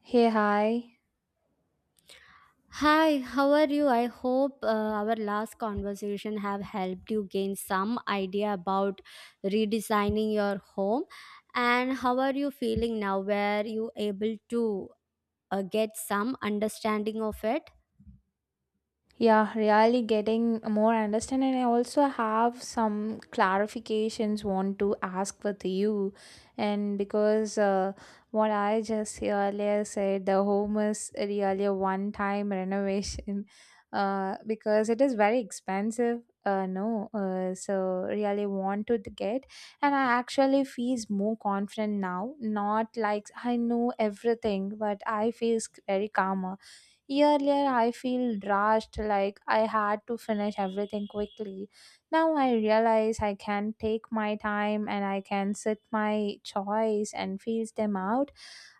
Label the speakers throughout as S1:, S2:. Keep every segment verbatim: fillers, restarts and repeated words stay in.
S1: Hey, hi.
S2: Hi, how are you? I hope uh, our last conversation have helped you gain some idea about redesigning your home, and how are you feeling now? Were you able to uh, get some understanding of it?
S1: Yeah, really getting more understanding. And I also have some clarifications want to ask with you. And because uh, what I just earlier said, the home is really a one time renovation uh, because it is very expensive. Uh, no, uh, so really want to get, and I actually feels more confident now. Not like I know everything, but I feels very calmer. Earlier, I feel rushed, like I had to finish everything quickly. Now I realize I can take my time and I can sit my choice and feel them out.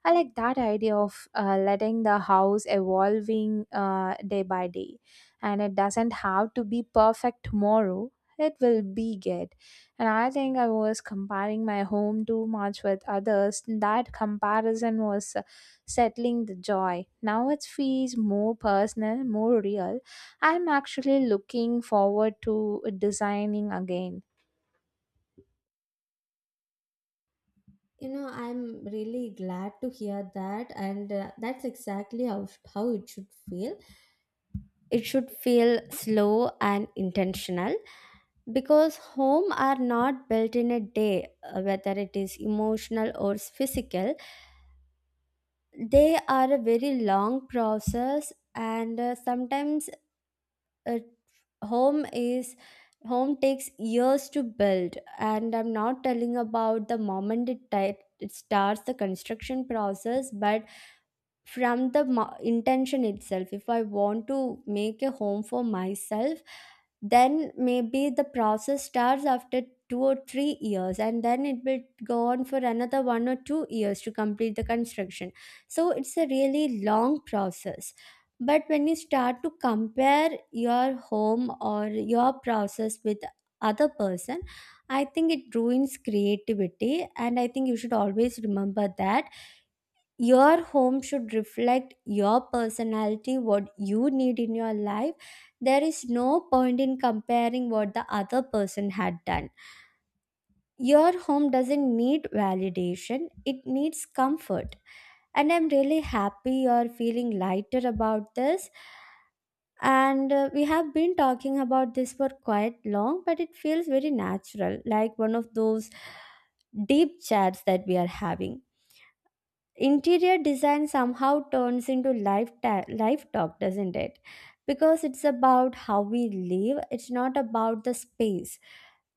S1: I like that idea of uh, letting the house evolving uh, day by day, and it doesn't have to be perfect tomorrow. It will be good. And I think I was comparing my home too much with others. That comparison was uh, settling the joy. Now it feels more personal, more real. I'm actually looking forward to designing again.
S2: You know, I'm really glad to hear that, and uh, that's exactly how how it should feel. It should feel slow and intentional because home are not built in a day, uh, whether it is emotional or physical. They are a very long process, and uh, sometimes uh, home is home takes years to build, and I'm not telling about the moment it, ti- it starts the construction process, but from the mo- intention itself. If I want to make a home for myself, then maybe the process starts after two or three years, and then it will go on for another one or two years to complete the construction. So it's a really long process. But when you start to compare your home or your process with other person, I think it ruins creativity, and I think you should always remember that your home should reflect your personality, what you need in your life. There is no point in comparing what the other person had done. Your home doesn't need validation, it needs comfort. And I'm really happy you're feeling lighter about this. And uh, we have been talking about this for quite long, but it feels very natural, like one of those deep chats that we are having. Interior design somehow turns into life ta- life talk, doesn't it? Because it's about how we live, it's not about the space.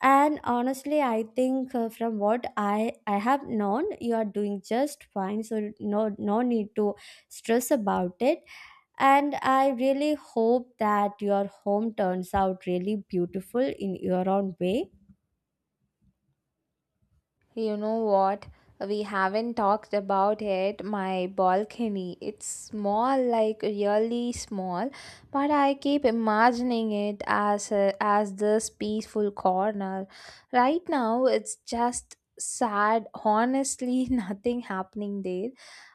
S2: And honestly, I think uh, from what i i have known, you are doing just fine, so no no need to stress about it. And I really hope that your home turns out really beautiful in your own way.
S1: You know what? We haven't talked about it. My balcony. It's small, like really small, but I keep imagining it as a, as this peaceful corner. Right now, it's just sad. Honestly, nothing happening there.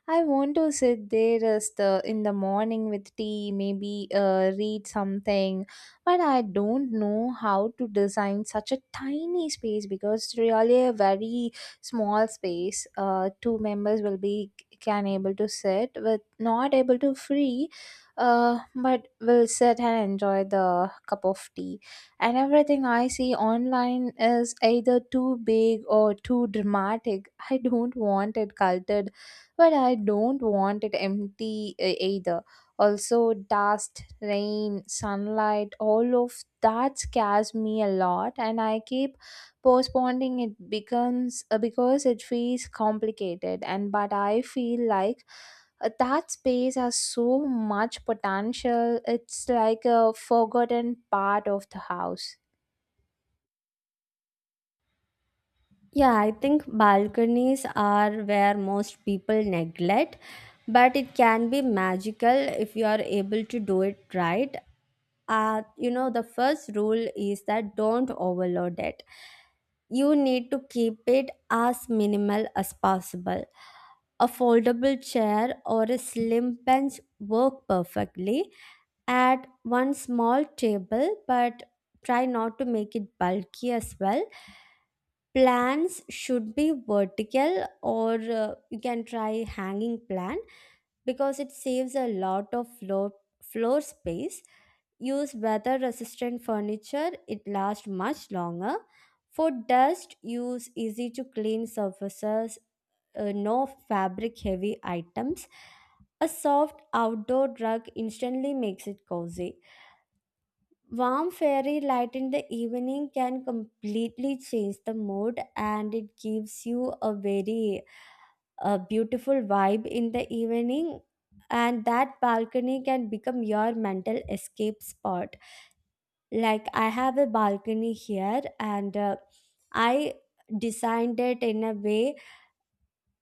S1: I want to sit there as the in the morning with tea, maybe uh, read something, but I don't know how to design such a tiny space because it's really a very small space. Uh, two members will be can able to sit with not able to free, uh, but will sit and enjoy the cup of tea. And everything I see online is either too big or too dramatic. I don't want it cultured, but I don't want it empty uh, either. Also dust, rain, sunlight, all of that scares me a lot, and I keep postponing it becomes uh, because it feels complicated. And but I feel like uh, that space has so much potential. It's like a forgotten part of the house.
S2: Yeah, I think balconies are where most people neglect, but it can be magical if you are able to do it right. Uh, you know, the first rule is that don't overload it. You need to keep it as minimal as possible. A foldable chair or a slim bench work perfectly. Add one small table, but try not to make it bulky as well. Plants should be vertical, or uh, you can try hanging plant, because it saves a lot of floor floor space. Use weather resistant furniture, it lasts much longer. For dust, use easy to clean surfaces. Uh, no fabric heavy items. A soft outdoor rug instantly makes it cozy. Warm fairy light in the evening can completely change the mood, and it gives you a very uh, beautiful vibe in the evening. And that balcony can become your mental escape spot. Like, I have a balcony here, and uh, I designed it in a way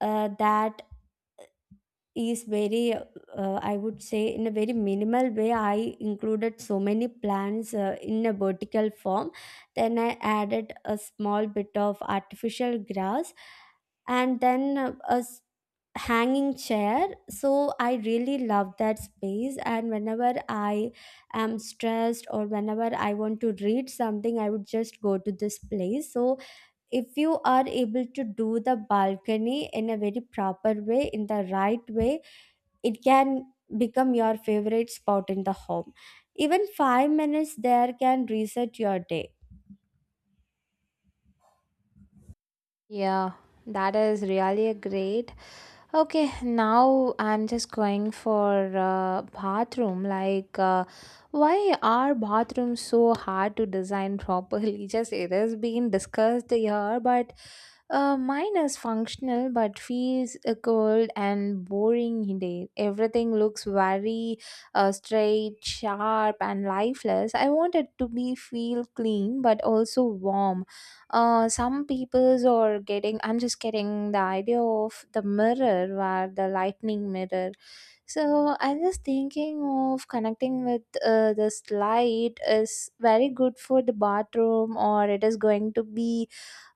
S2: uh, that is very, uh, I would say, in a very minimal way. I included so many plants uh, in a vertical form, then I added a small bit of artificial grass, and then uh, a s- hanging chair. So I really love that space, and whenever I am stressed or whenever I want to read something, I would just go to this place. So if you are able to do the balcony in a very proper way, in the right way, it can become your favorite spot in the home. Even five minutes there can reset your day.
S1: Yeah, that is really a great. Okay, now I'm just going for uh, bathroom. Like, uh, why are bathrooms so hard to design properly? Just it has been discussed here, but uh, mine is functional, but feels uh, cold and boring in there. Everything looks very uh, straight, sharp, and lifeless. I want it to be feel clean, but also warm. Uh, some peoples are getting, I'm just getting the idea of the mirror where the lightning mirror, so I'm just thinking of connecting with uh, this light is very good for the bathroom, or it is going to be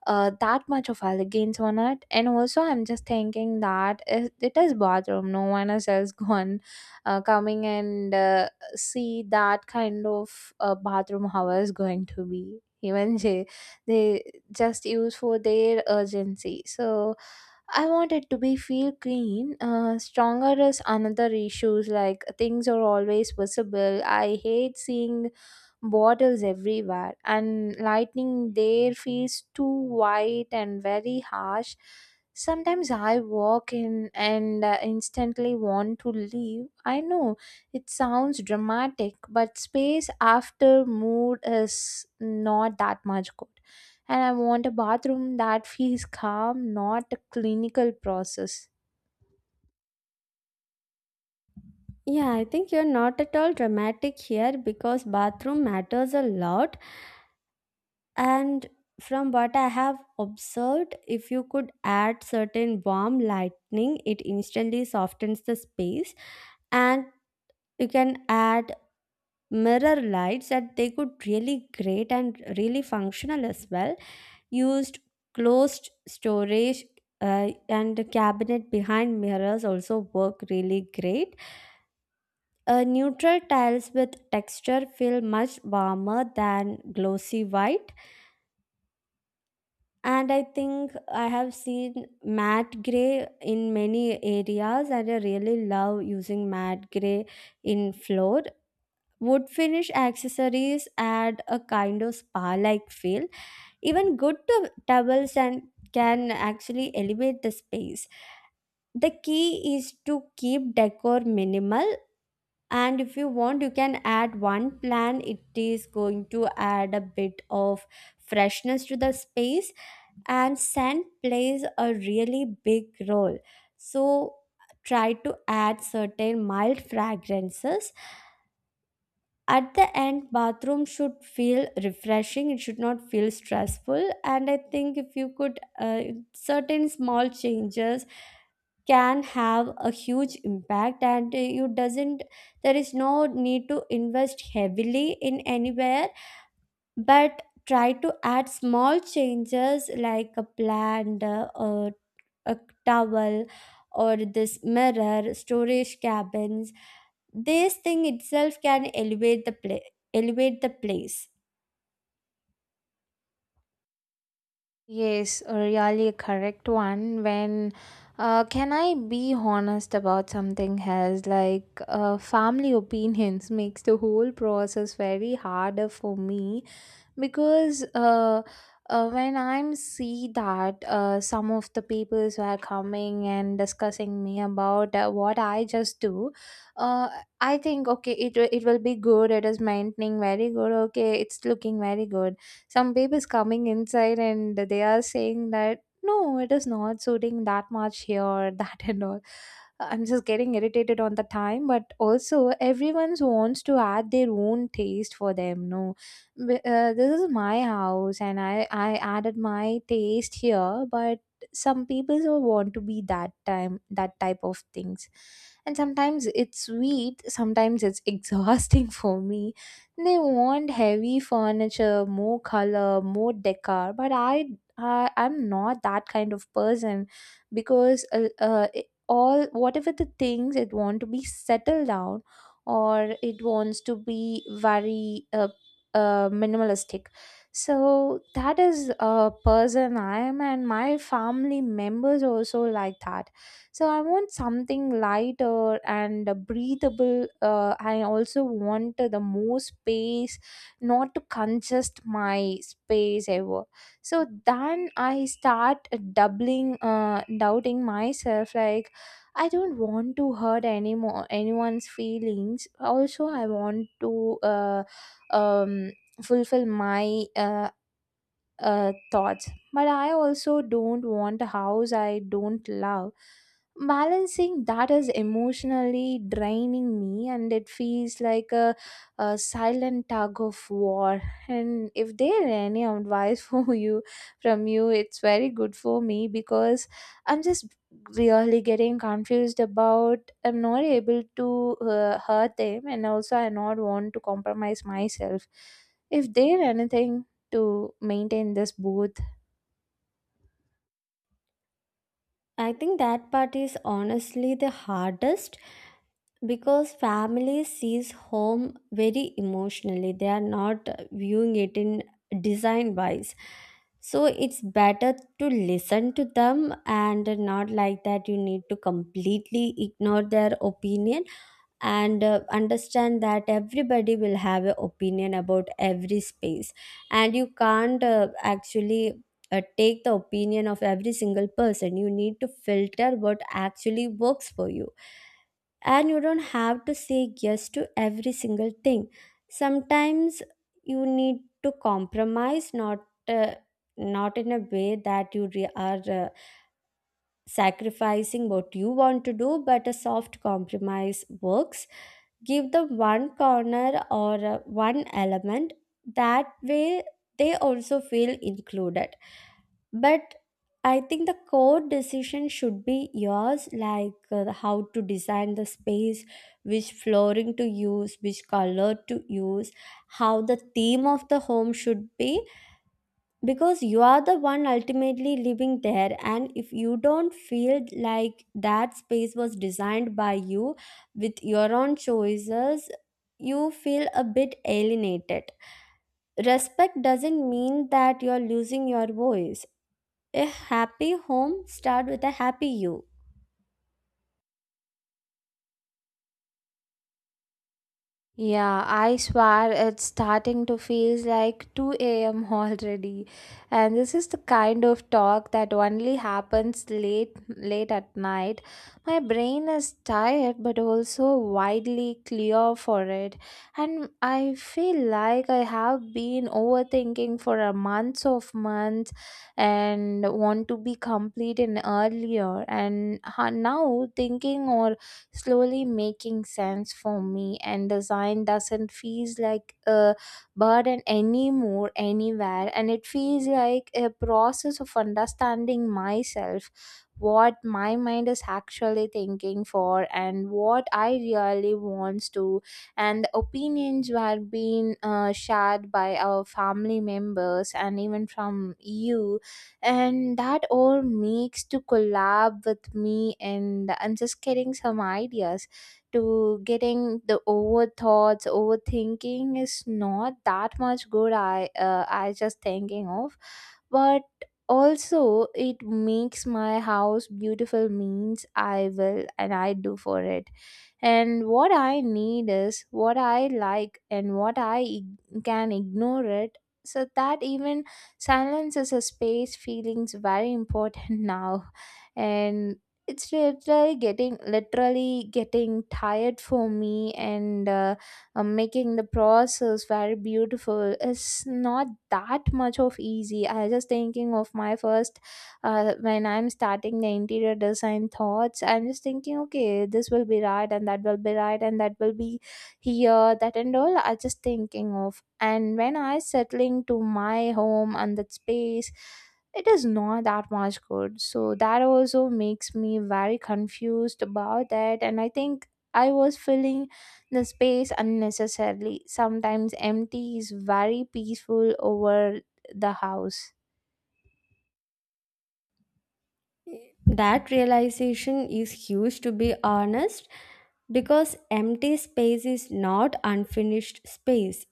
S1: uh, that much of elegance on it. And also I'm just thinking that it, it is bathroom, no one else has gone, uh, coming, and uh, see that kind of uh, bathroom how is going to be. Even Jay, they just use for their urgency. So I want it to be feel clean. Uh, stronger is another issues, like things are always visible. I hate seeing bottles everywhere, and lightning there feels too white and very harsh. Sometimes I walk in and uh, instantly want to leave. I know it sounds dramatic, but space after mood is not that much good. And I want a bathroom that feels calm, not a clinical process.
S2: Yeah, I think you're not at all dramatic here, because bathroom matters a lot. And from what I have observed, if you could add certain warm lighting, it instantly softens the space. And you can add mirror lights, that they could really great and really functional as well. Used closed storage, uh, and cabinet behind mirrors also work really great. Uh, neutral tiles with texture feel much warmer than glossy white, and I think I have seen matte gray in many areas, and I really love using matte gray in floor. Wood finish accessories add a kind of spa like feel. Even good to towels and can actually elevate the space. The key is to keep decor minimal, and if you want you can add one plant, it is going to add a bit of freshness to the space. And scent plays a really big role, so try to add certain mild fragrances. At the end, bathroom should feel refreshing, it should not feel stressful. And I think if you could, uh, certain small changes can have a huge impact. And uh, you doesn't, there is no need to invest heavily in anywhere, but try to add small changes like a plant, uh, or a towel, or this mirror storage cabins. This thing itself can elevate the pla- elevate the place.
S1: Yes, a really correct one. When uh, can I be honest about something else? Like uh, family opinions makes the whole process very harder for me. because uh, uh, when I'm see that uh, some of the people who are coming and discussing me about uh, what I just do, uh, I think okay, it, will- it will be good, it is maintaining very good, okay it's looking very good. Some people is coming inside and they are saying that no it is not suiting that much here that and all. I'm just getting irritated on the time, but also everyone wants to add their own taste for them. No, b- uh, this is my house and i i added my taste here, but some people will want to be that time that type of things. And sometimes it's sweet, sometimes it's exhausting for me. They want heavy furniture, more color, more decor, but i I i'm not that kind of person. Because uh, uh, it- all whatever the things it want to be settled down, or it wants to be very uh, uh, minimalistic. So that is a person I am, and my family members also like that. So I want something lighter and breathable. uh, I also want the more space, not to congest my space ever. So then I start doubling uh, doubting myself like, I don't want to hurt anymore anyone's feelings. Also, I want to uh, um, fulfill my uh, uh, thoughts. But I also don't want a house I don't love. Balancing that is emotionally draining me, and it feels like a, a silent tug of war. And if there any advice for you, from you, it's very good for me because I'm just really getting confused about. I'm not able to uh, hurt them, and also I not want to compromise myself. If there anything to maintain this booth.
S2: I think that part is honestly the hardest, because family sees home very emotionally, they are not viewing it in design wise. So it's better to listen to them, and not like that you need to completely ignore their opinion. And uh, understand that everybody will have an opinion about every space, and you can't, uh, actually, uh, take the opinion of every single person. You need to filter what actually works for you, and you don't have to say yes to every single thing. Sometimes you need to compromise, not uh, not in a way that you re- are uh, sacrificing what you want to do, but a soft compromise works. Give them one corner, or uh, one element. That way they also feel included. But I think the core decision should be yours, like, uh, how to design the space, which flooring to use, which color to use, how the theme of the home should be. Because you are the one ultimately living there, and if you don't feel like that space was designed by you, with your own choices, you feel a bit alienated. Respect doesn't mean that you're losing your voice. A happy home start with a happy you.
S1: Yeah, I swear it's starting to feel like two a m already. And this is the kind of talk that only happens late late at night. My brain is tired but also widely clear for it. And I feel like I have been overthinking for a months of months, and want to be complete in earlier and ha- now thinking, or slowly making sense for me. And design doesn't feel like a burden anymore anywhere, and it feels like a process of understanding myself, what my mind is actually thinking for and what I really wants to. And the opinions were being uh, shared by our family members and even from you, and that all makes to collab with me. And I'm just getting some ideas to getting the over thoughts. Overthinking is not that much good. I uh, i just thinking of. But also it makes my house beautiful means I will and I do for it. And what I need is what I like and what I ig- can ignore it. So that even silence is a space feelings very important now. And it's literally getting literally getting tired for me. And uh, uh, making the process very beautiful is not that much of easy. I was just thinking of my first, uh, when I'm starting the interior design thoughts, I'm just thinking okay this will be right and that will be right and that will be here, that and all I just thinking of. And when I settling to my home and that space, it is not that much good. So that also makes me very confused about that. And I think I was filling the space unnecessarily. Sometimes empty is very peaceful over the house.
S2: That realization is huge, to be honest, because empty space is not unfinished space.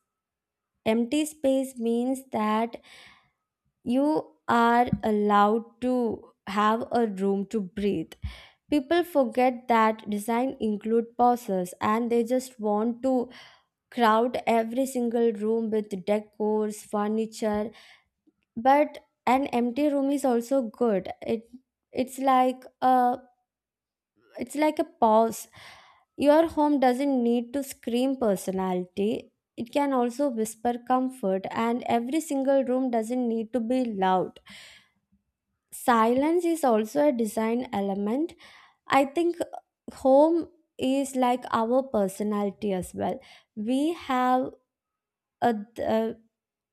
S2: Empty space means that you are allowed to have a room to breathe. People forget that design include pauses, and they just want to crowd every single room with decors, furniture. But an empty room is also good. It it's like a, it's like a pause. Your home doesn't need to scream personality. It can also whisper comfort, and every single room doesn't need to be loud. Silence is also a design element. I think home is like our personality as well. We have a, a,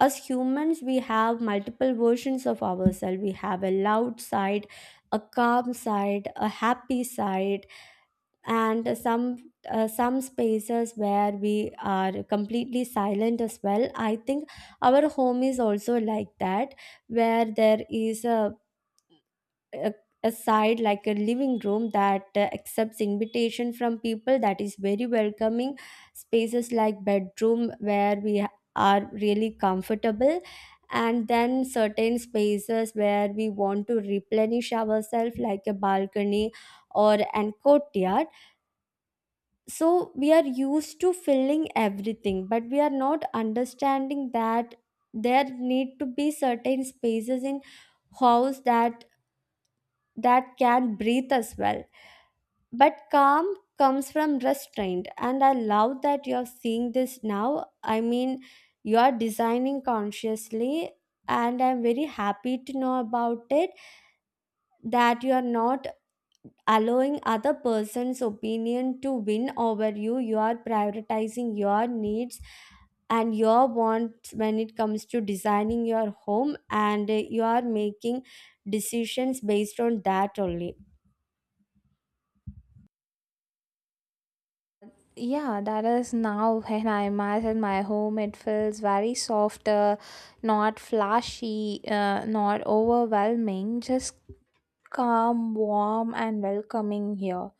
S2: as humans, we have multiple versions of ourselves. We have a loud side, a calm side, a happy side, and some, uh, some spaces where we are completely silent as well. I think our home is also like that, where there is a a, a side like a living room that uh, accepts invitation from people, that is very welcoming. Spaces like bedroom where we ha- are really comfortable. And then certain spaces where we want to replenish ourselves, like a balcony or an courtyard. So we are used to filling everything, but we are not understanding that there need to be certain spaces in house that that can breathe as well. But calm comes from restraint, and I love that you're seeing this now. I mean, you're designing consciously, and I'm very happy to know about it, that you're not allowing other person's opinion to win over you. You are prioritizing your needs and your wants when it comes to designing your home, and uh, you are making decisions based on that only.
S1: Yeah, that is now when I imagine my home. It feels very soft, uh, not flashy, uh, not overwhelming, just calm, warm, and welcoming here.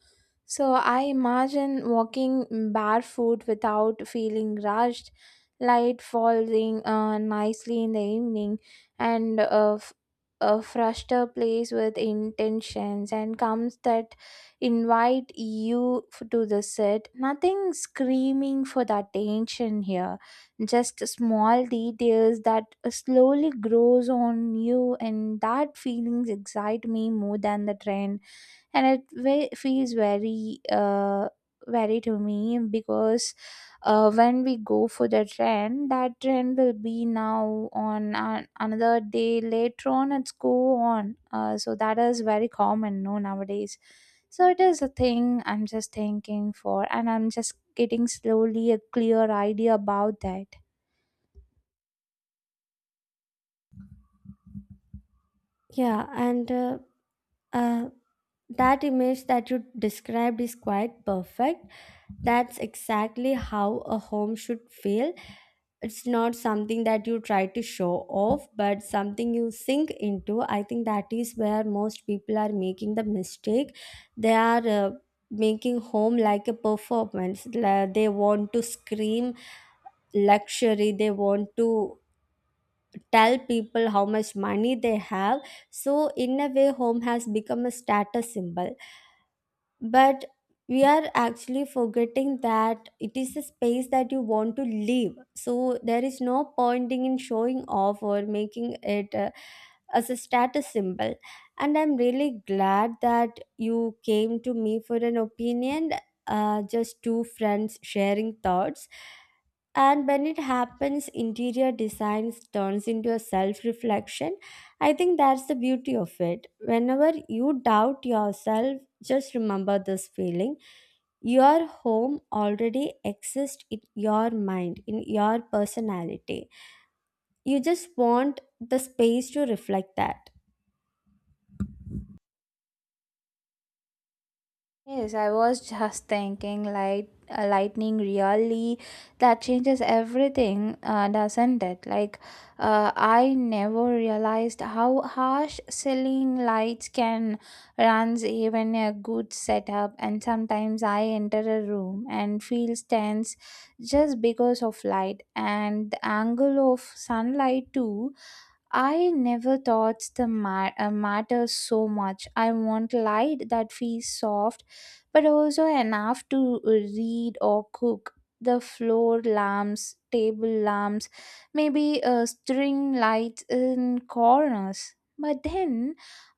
S1: So I imagine walking barefoot without feeling rushed, light falling uh, nicely in the evening, and a, f- a fruster place with intentions and comes that invite you f- to the sit. Nothing screaming for the attention here, just small details that slowly grows on you, and that feelings excite me more than the trend. And it ve- feels very uh, very to me. Because uh, when we go for the trend, that trend will be now on an- another day later on, it's go on uh, so that is very common no nowadays. So it is a thing I'm just thinking for, and I'm just getting slowly a clear idea about that.
S2: Yeah, and uh, uh, that image that you described is quite perfect. That's exactly how a home should feel. It's not something that you try to show off, but something you sink into. I think that is where most people are making the mistake. They are uh, making home like a performance. La- They want to scream luxury, they want to tell people how much money they have. So in a way, home has become a status symbol. But we are actually forgetting that it is a space that you want to live, so there is no pointing in showing off or making it uh, as a status symbol. And I'm really glad that you came to me for an opinion, uh, just two friends sharing thoughts. And when it happens, interior design turns into a self reflection. I think that's the beauty of it. Whenever you doubt yourself, just remember this feeling. Your home already exists in your mind, in your personality. You just want the space to reflect that.
S1: Yes, I was just thinking like uh, lightning really that changes everything, uh, doesn't it? Like uh, I never realized how harsh ceiling lights can runs even a good setup, and sometimes I enter a room and feel tense just because of light and the angle of sunlight too. I never thought the ma- uh, matters so much. I want light that feels soft, but also enough to uh, read or cook. The floor lamps, table lamps, maybe a string light in corners. But then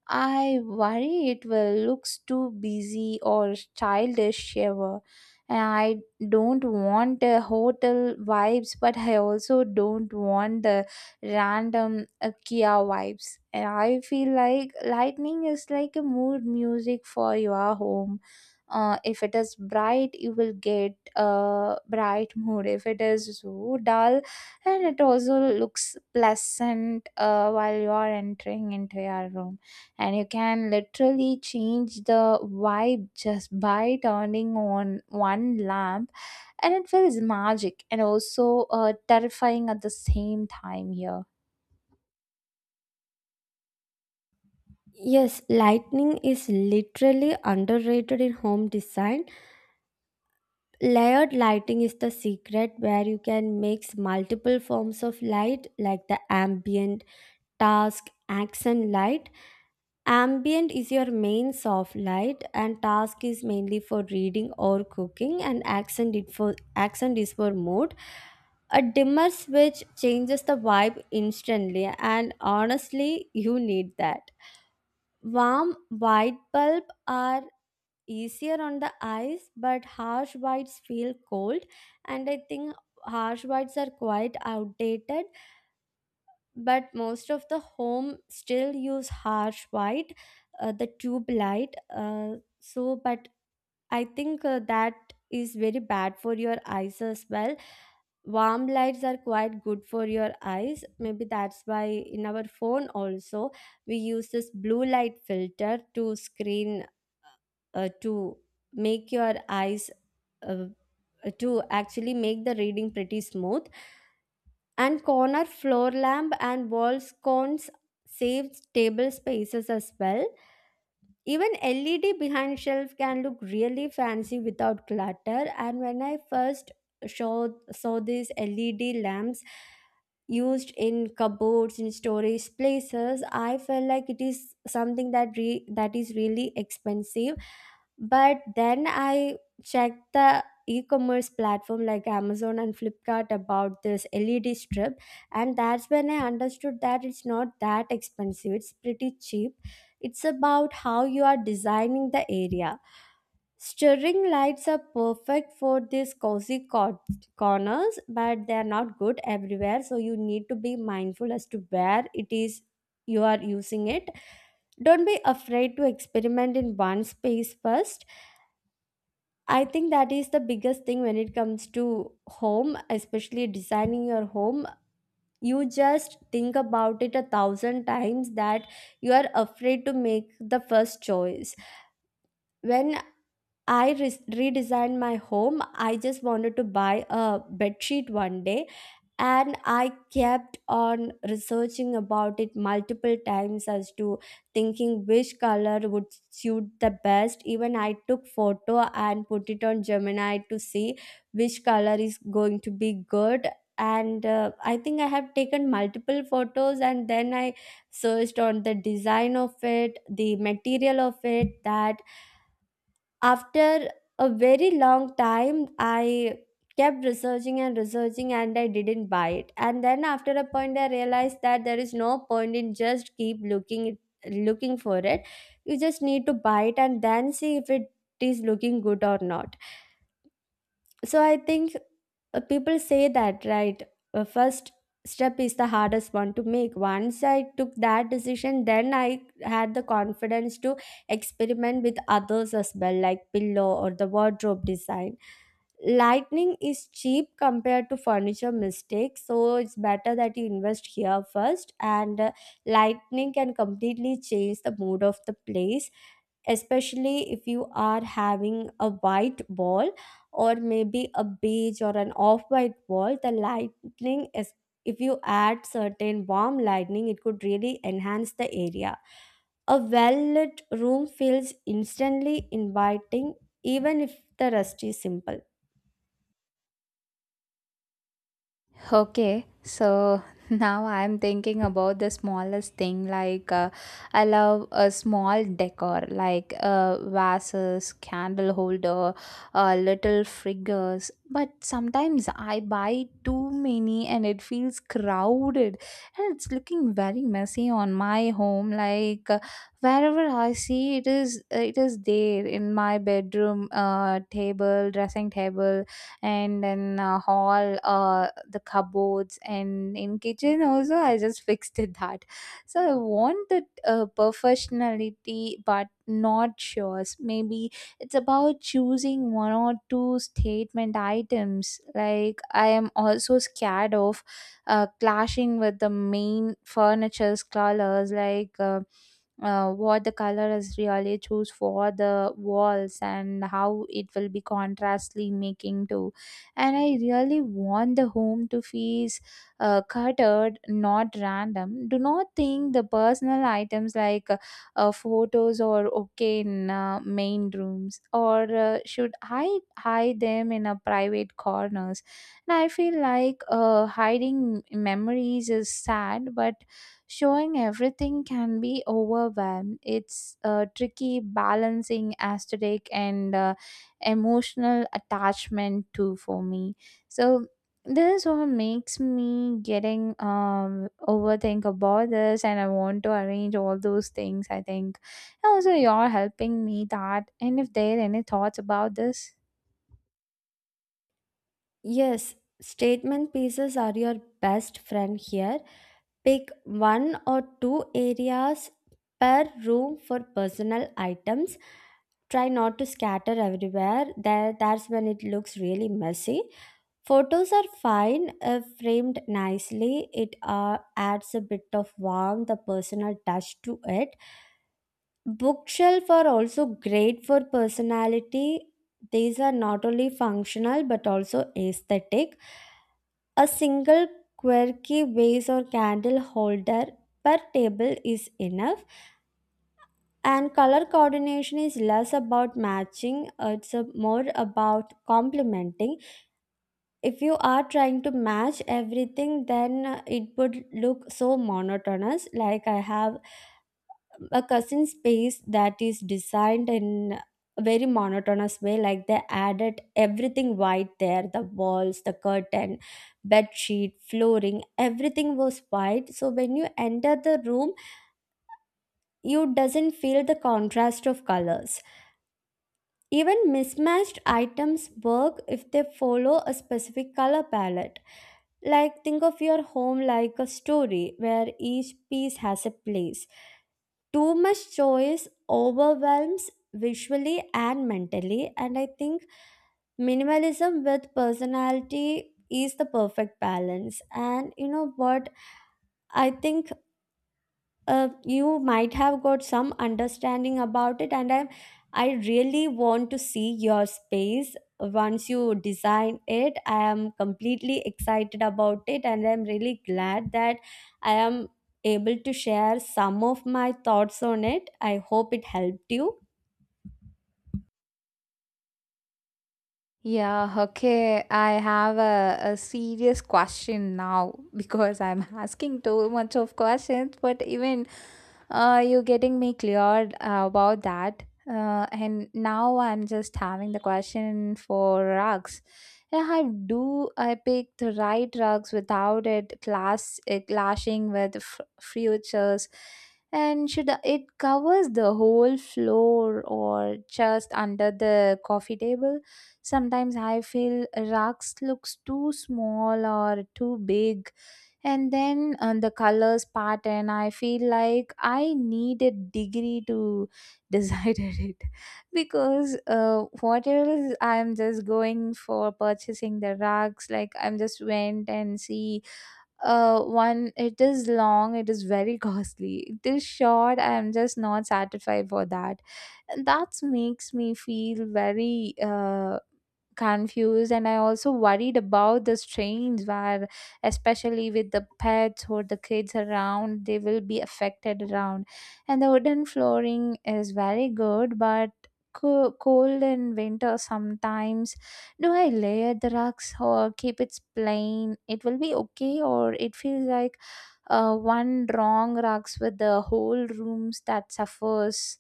S1: I worry it will looks too busy or childish ever. And I don't want a hotel vibes, but I also don't want the random uh, Kia vibes. And I feel like lightning is like a mood music for your home. Uh, if it is bright, you will get a bright mood. If it is so dull, and it also looks pleasant uh, while you are entering into your room, and you can literally change the vibe just by turning on one lamp, and it feels magic and also uh, terrifying at the same time here.
S2: Yes, lighting is literally underrated in home design. Layered lighting is the secret, where you can mix multiple forms of light, like the ambient, task, accent light. Ambient is your main soft light, and task is mainly for reading or cooking, and accent it for accent is for mood. A dimmer switch changes the vibe instantly, and honestly you need that. Warm white bulb are easier on the eyes, but harsh whites feel cold, and I think harsh whites are quite outdated, but most of the home still use harsh white, uh, the tube light. Uh, so but i think uh, that is very bad for your eyes as well. Warm lights are quite good for your eyes. Maybe that's why in our phone also we use this blue light filter to screen, uh, to make your eyes, uh, to actually make the reading pretty smooth. And corner floor lamp and wall sconces save table spaces as well. Even L E D behind shelf can look really fancy without clutter. And when I first showed, saw these L E D lamps used in cupboards in storage places, I felt like it is something that re- that is really expensive. But then I checked the e-commerce platform like Amazon and Flipkart about this L E D strip, and that's when I understood that it's not that expensive. It's pretty cheap. It's about how you are designing the area. Stirring lights are perfect for these cozy cor- corners, but they are not good everywhere. So you need to be mindful as to where it is you are using it. Don't be afraid to experiment in one space first. I think that is the biggest thing when it comes to home, especially designing your home. You just think about it a thousand times that you are afraid to make the first choice when I re- redesigned my home. I just wanted to buy a bedsheet one day, and I kept on researching about it multiple times as to thinking which color would suit the best. Even I took photo and put it on Gemini to see which color is going to be good. And uh, I think I have taken multiple photos, and then I searched on the design of it, the material of it. That after a very long time, I kept researching and researching, and I didn't buy it. And then after a point I realized that there is no point in just keep looking it looking for it. You just need to buy it and then see if it is looking good or not. So I think, uh, people say that, right? Uh, first step is the hardest one to make. Once I took that decision, then I had the confidence to experiment with others as well, like pillow or the wardrobe design. Lightning is cheap compared to furniture mistakes, so it's better that you invest here first. And uh, lightning can completely change the mood of the place, especially if you are having a white wall or maybe a beige or an off white wall. The lightning is, if you add certain warm lightning, it could really enhance the area. A well lit room feels instantly inviting, even if the rest is simple.
S1: Okay, so now I'm thinking about the smallest thing. Like, uh, I love a small decor, like uh, vases, candle holder, uh, little figures. But sometimes I buy too many and it feels crowded, and it's looking very messy on my home. Like, uh, wherever I see it is, it is there in my bedroom, uh, table, dressing table, and then uh, hall, uh, the cupboards, and in kitchen also I just fixed it that. So I want that uh, professionality but not yours maybe. It's about choosing one or two statement items, like I am also scared of uh, clashing with the main furniture's colors, like uh, uh, what the color is really choose for the walls and how it will be contrastly making to. And I really want the home to feel uh, cluttered not random. Do not think the personal items, like uh, uh, photos, or okay in uh, main rooms, or uh, should I hide them in a private corners. And I feel like uh, hiding memories is sad, but showing everything can be overwhelmed. It's a tricky balancing aesthetic and uh, emotional attachment too for me. So this all makes me getting um overthink about this, and I want to arrange all those things I think. And also you're helping me that, and if there any thoughts about this.
S2: Yes, statement pieces are your best friend here. Pick one or two areas per room for personal items. Try not to scatter everywhere. There, that's when it looks really messy. Photos are fine if framed nicely. It uh, adds a bit of warmth, a personal touch to it. Bookshelf are also great for personality. These are not only functional but also aesthetic. A single quirky vase or candle holder per table is enough, and color coordination is less about matching. uh, it's a- more about complementing. If you are trying to match everything, then uh, it would look so monotonous. Like I have a cousin space that is designed in a very monotonous way. Like they added everything white there: the walls, the curtain, bed sheet, flooring, everything was white. So when you enter the room, you doesn't feel the contrast of colors. Even mismatched items work if they follow a specific color palette. Like, think of your home like a story where each piece has a place. Too much choice overwhelms visually and mentally, and I think minimalism with personality is the perfect balance. And you know what? I think uh, you might have got some understanding about it. And I am I really want to see your space once you design it. I am completely excited about it, and I'm really glad that I am able to share some of my thoughts on it. I hope it helped you.
S1: Yeah, okay. I have a, a serious question now because I'm asking too much of questions, but even uh, you are getting me cleared uh, about that. Uh, and now I'm just having the question for rugs. Yeah, how do I pick the right rugs without it class It clashing with f- futures, and should I- it covers the whole floor or just under the coffee table? Sometimes I feel rugs looks too small or too big, and then on the colors pattern I feel like I need a degree to decide it. Because uh, what else I'm just going for purchasing the rugs, like I'm just went and see, uh one it is long, it is very costly, it is short, I am just not satisfied for that. And that makes me feel very uh confused. And I also worried about the strains, where especially with the pets or the kids around, they will be affected around. And the wooden flooring is very good, but co- cold in winter sometimes. Do I layer the rugs or keep it plain? It will be okay, or it feels like uh, one wrong rocks with the whole rooms that suffers.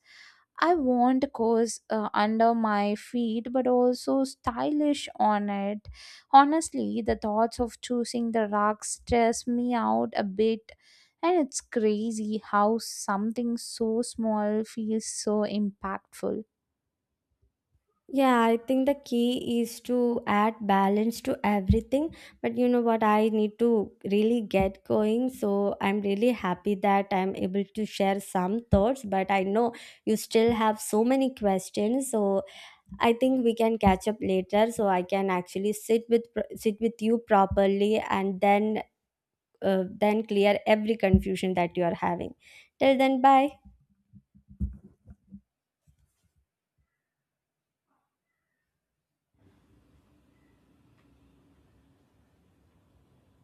S1: I want course uh, under my feet, but also stylish on it. Honestly, the thoughts of choosing the rugs stress me out a bit, and it's crazy how something so small feels so impactful.
S2: Yeah, I think the key is to add balance to everything. But you know what? I need to really get going. So I'm really happy that I'm able to share some thoughts. But I know you still have so many questions. So I think we can catch up later. So I can actually sit with pro- sit with you properly, and then uh, then clear every confusion that you are having. Till then, bye.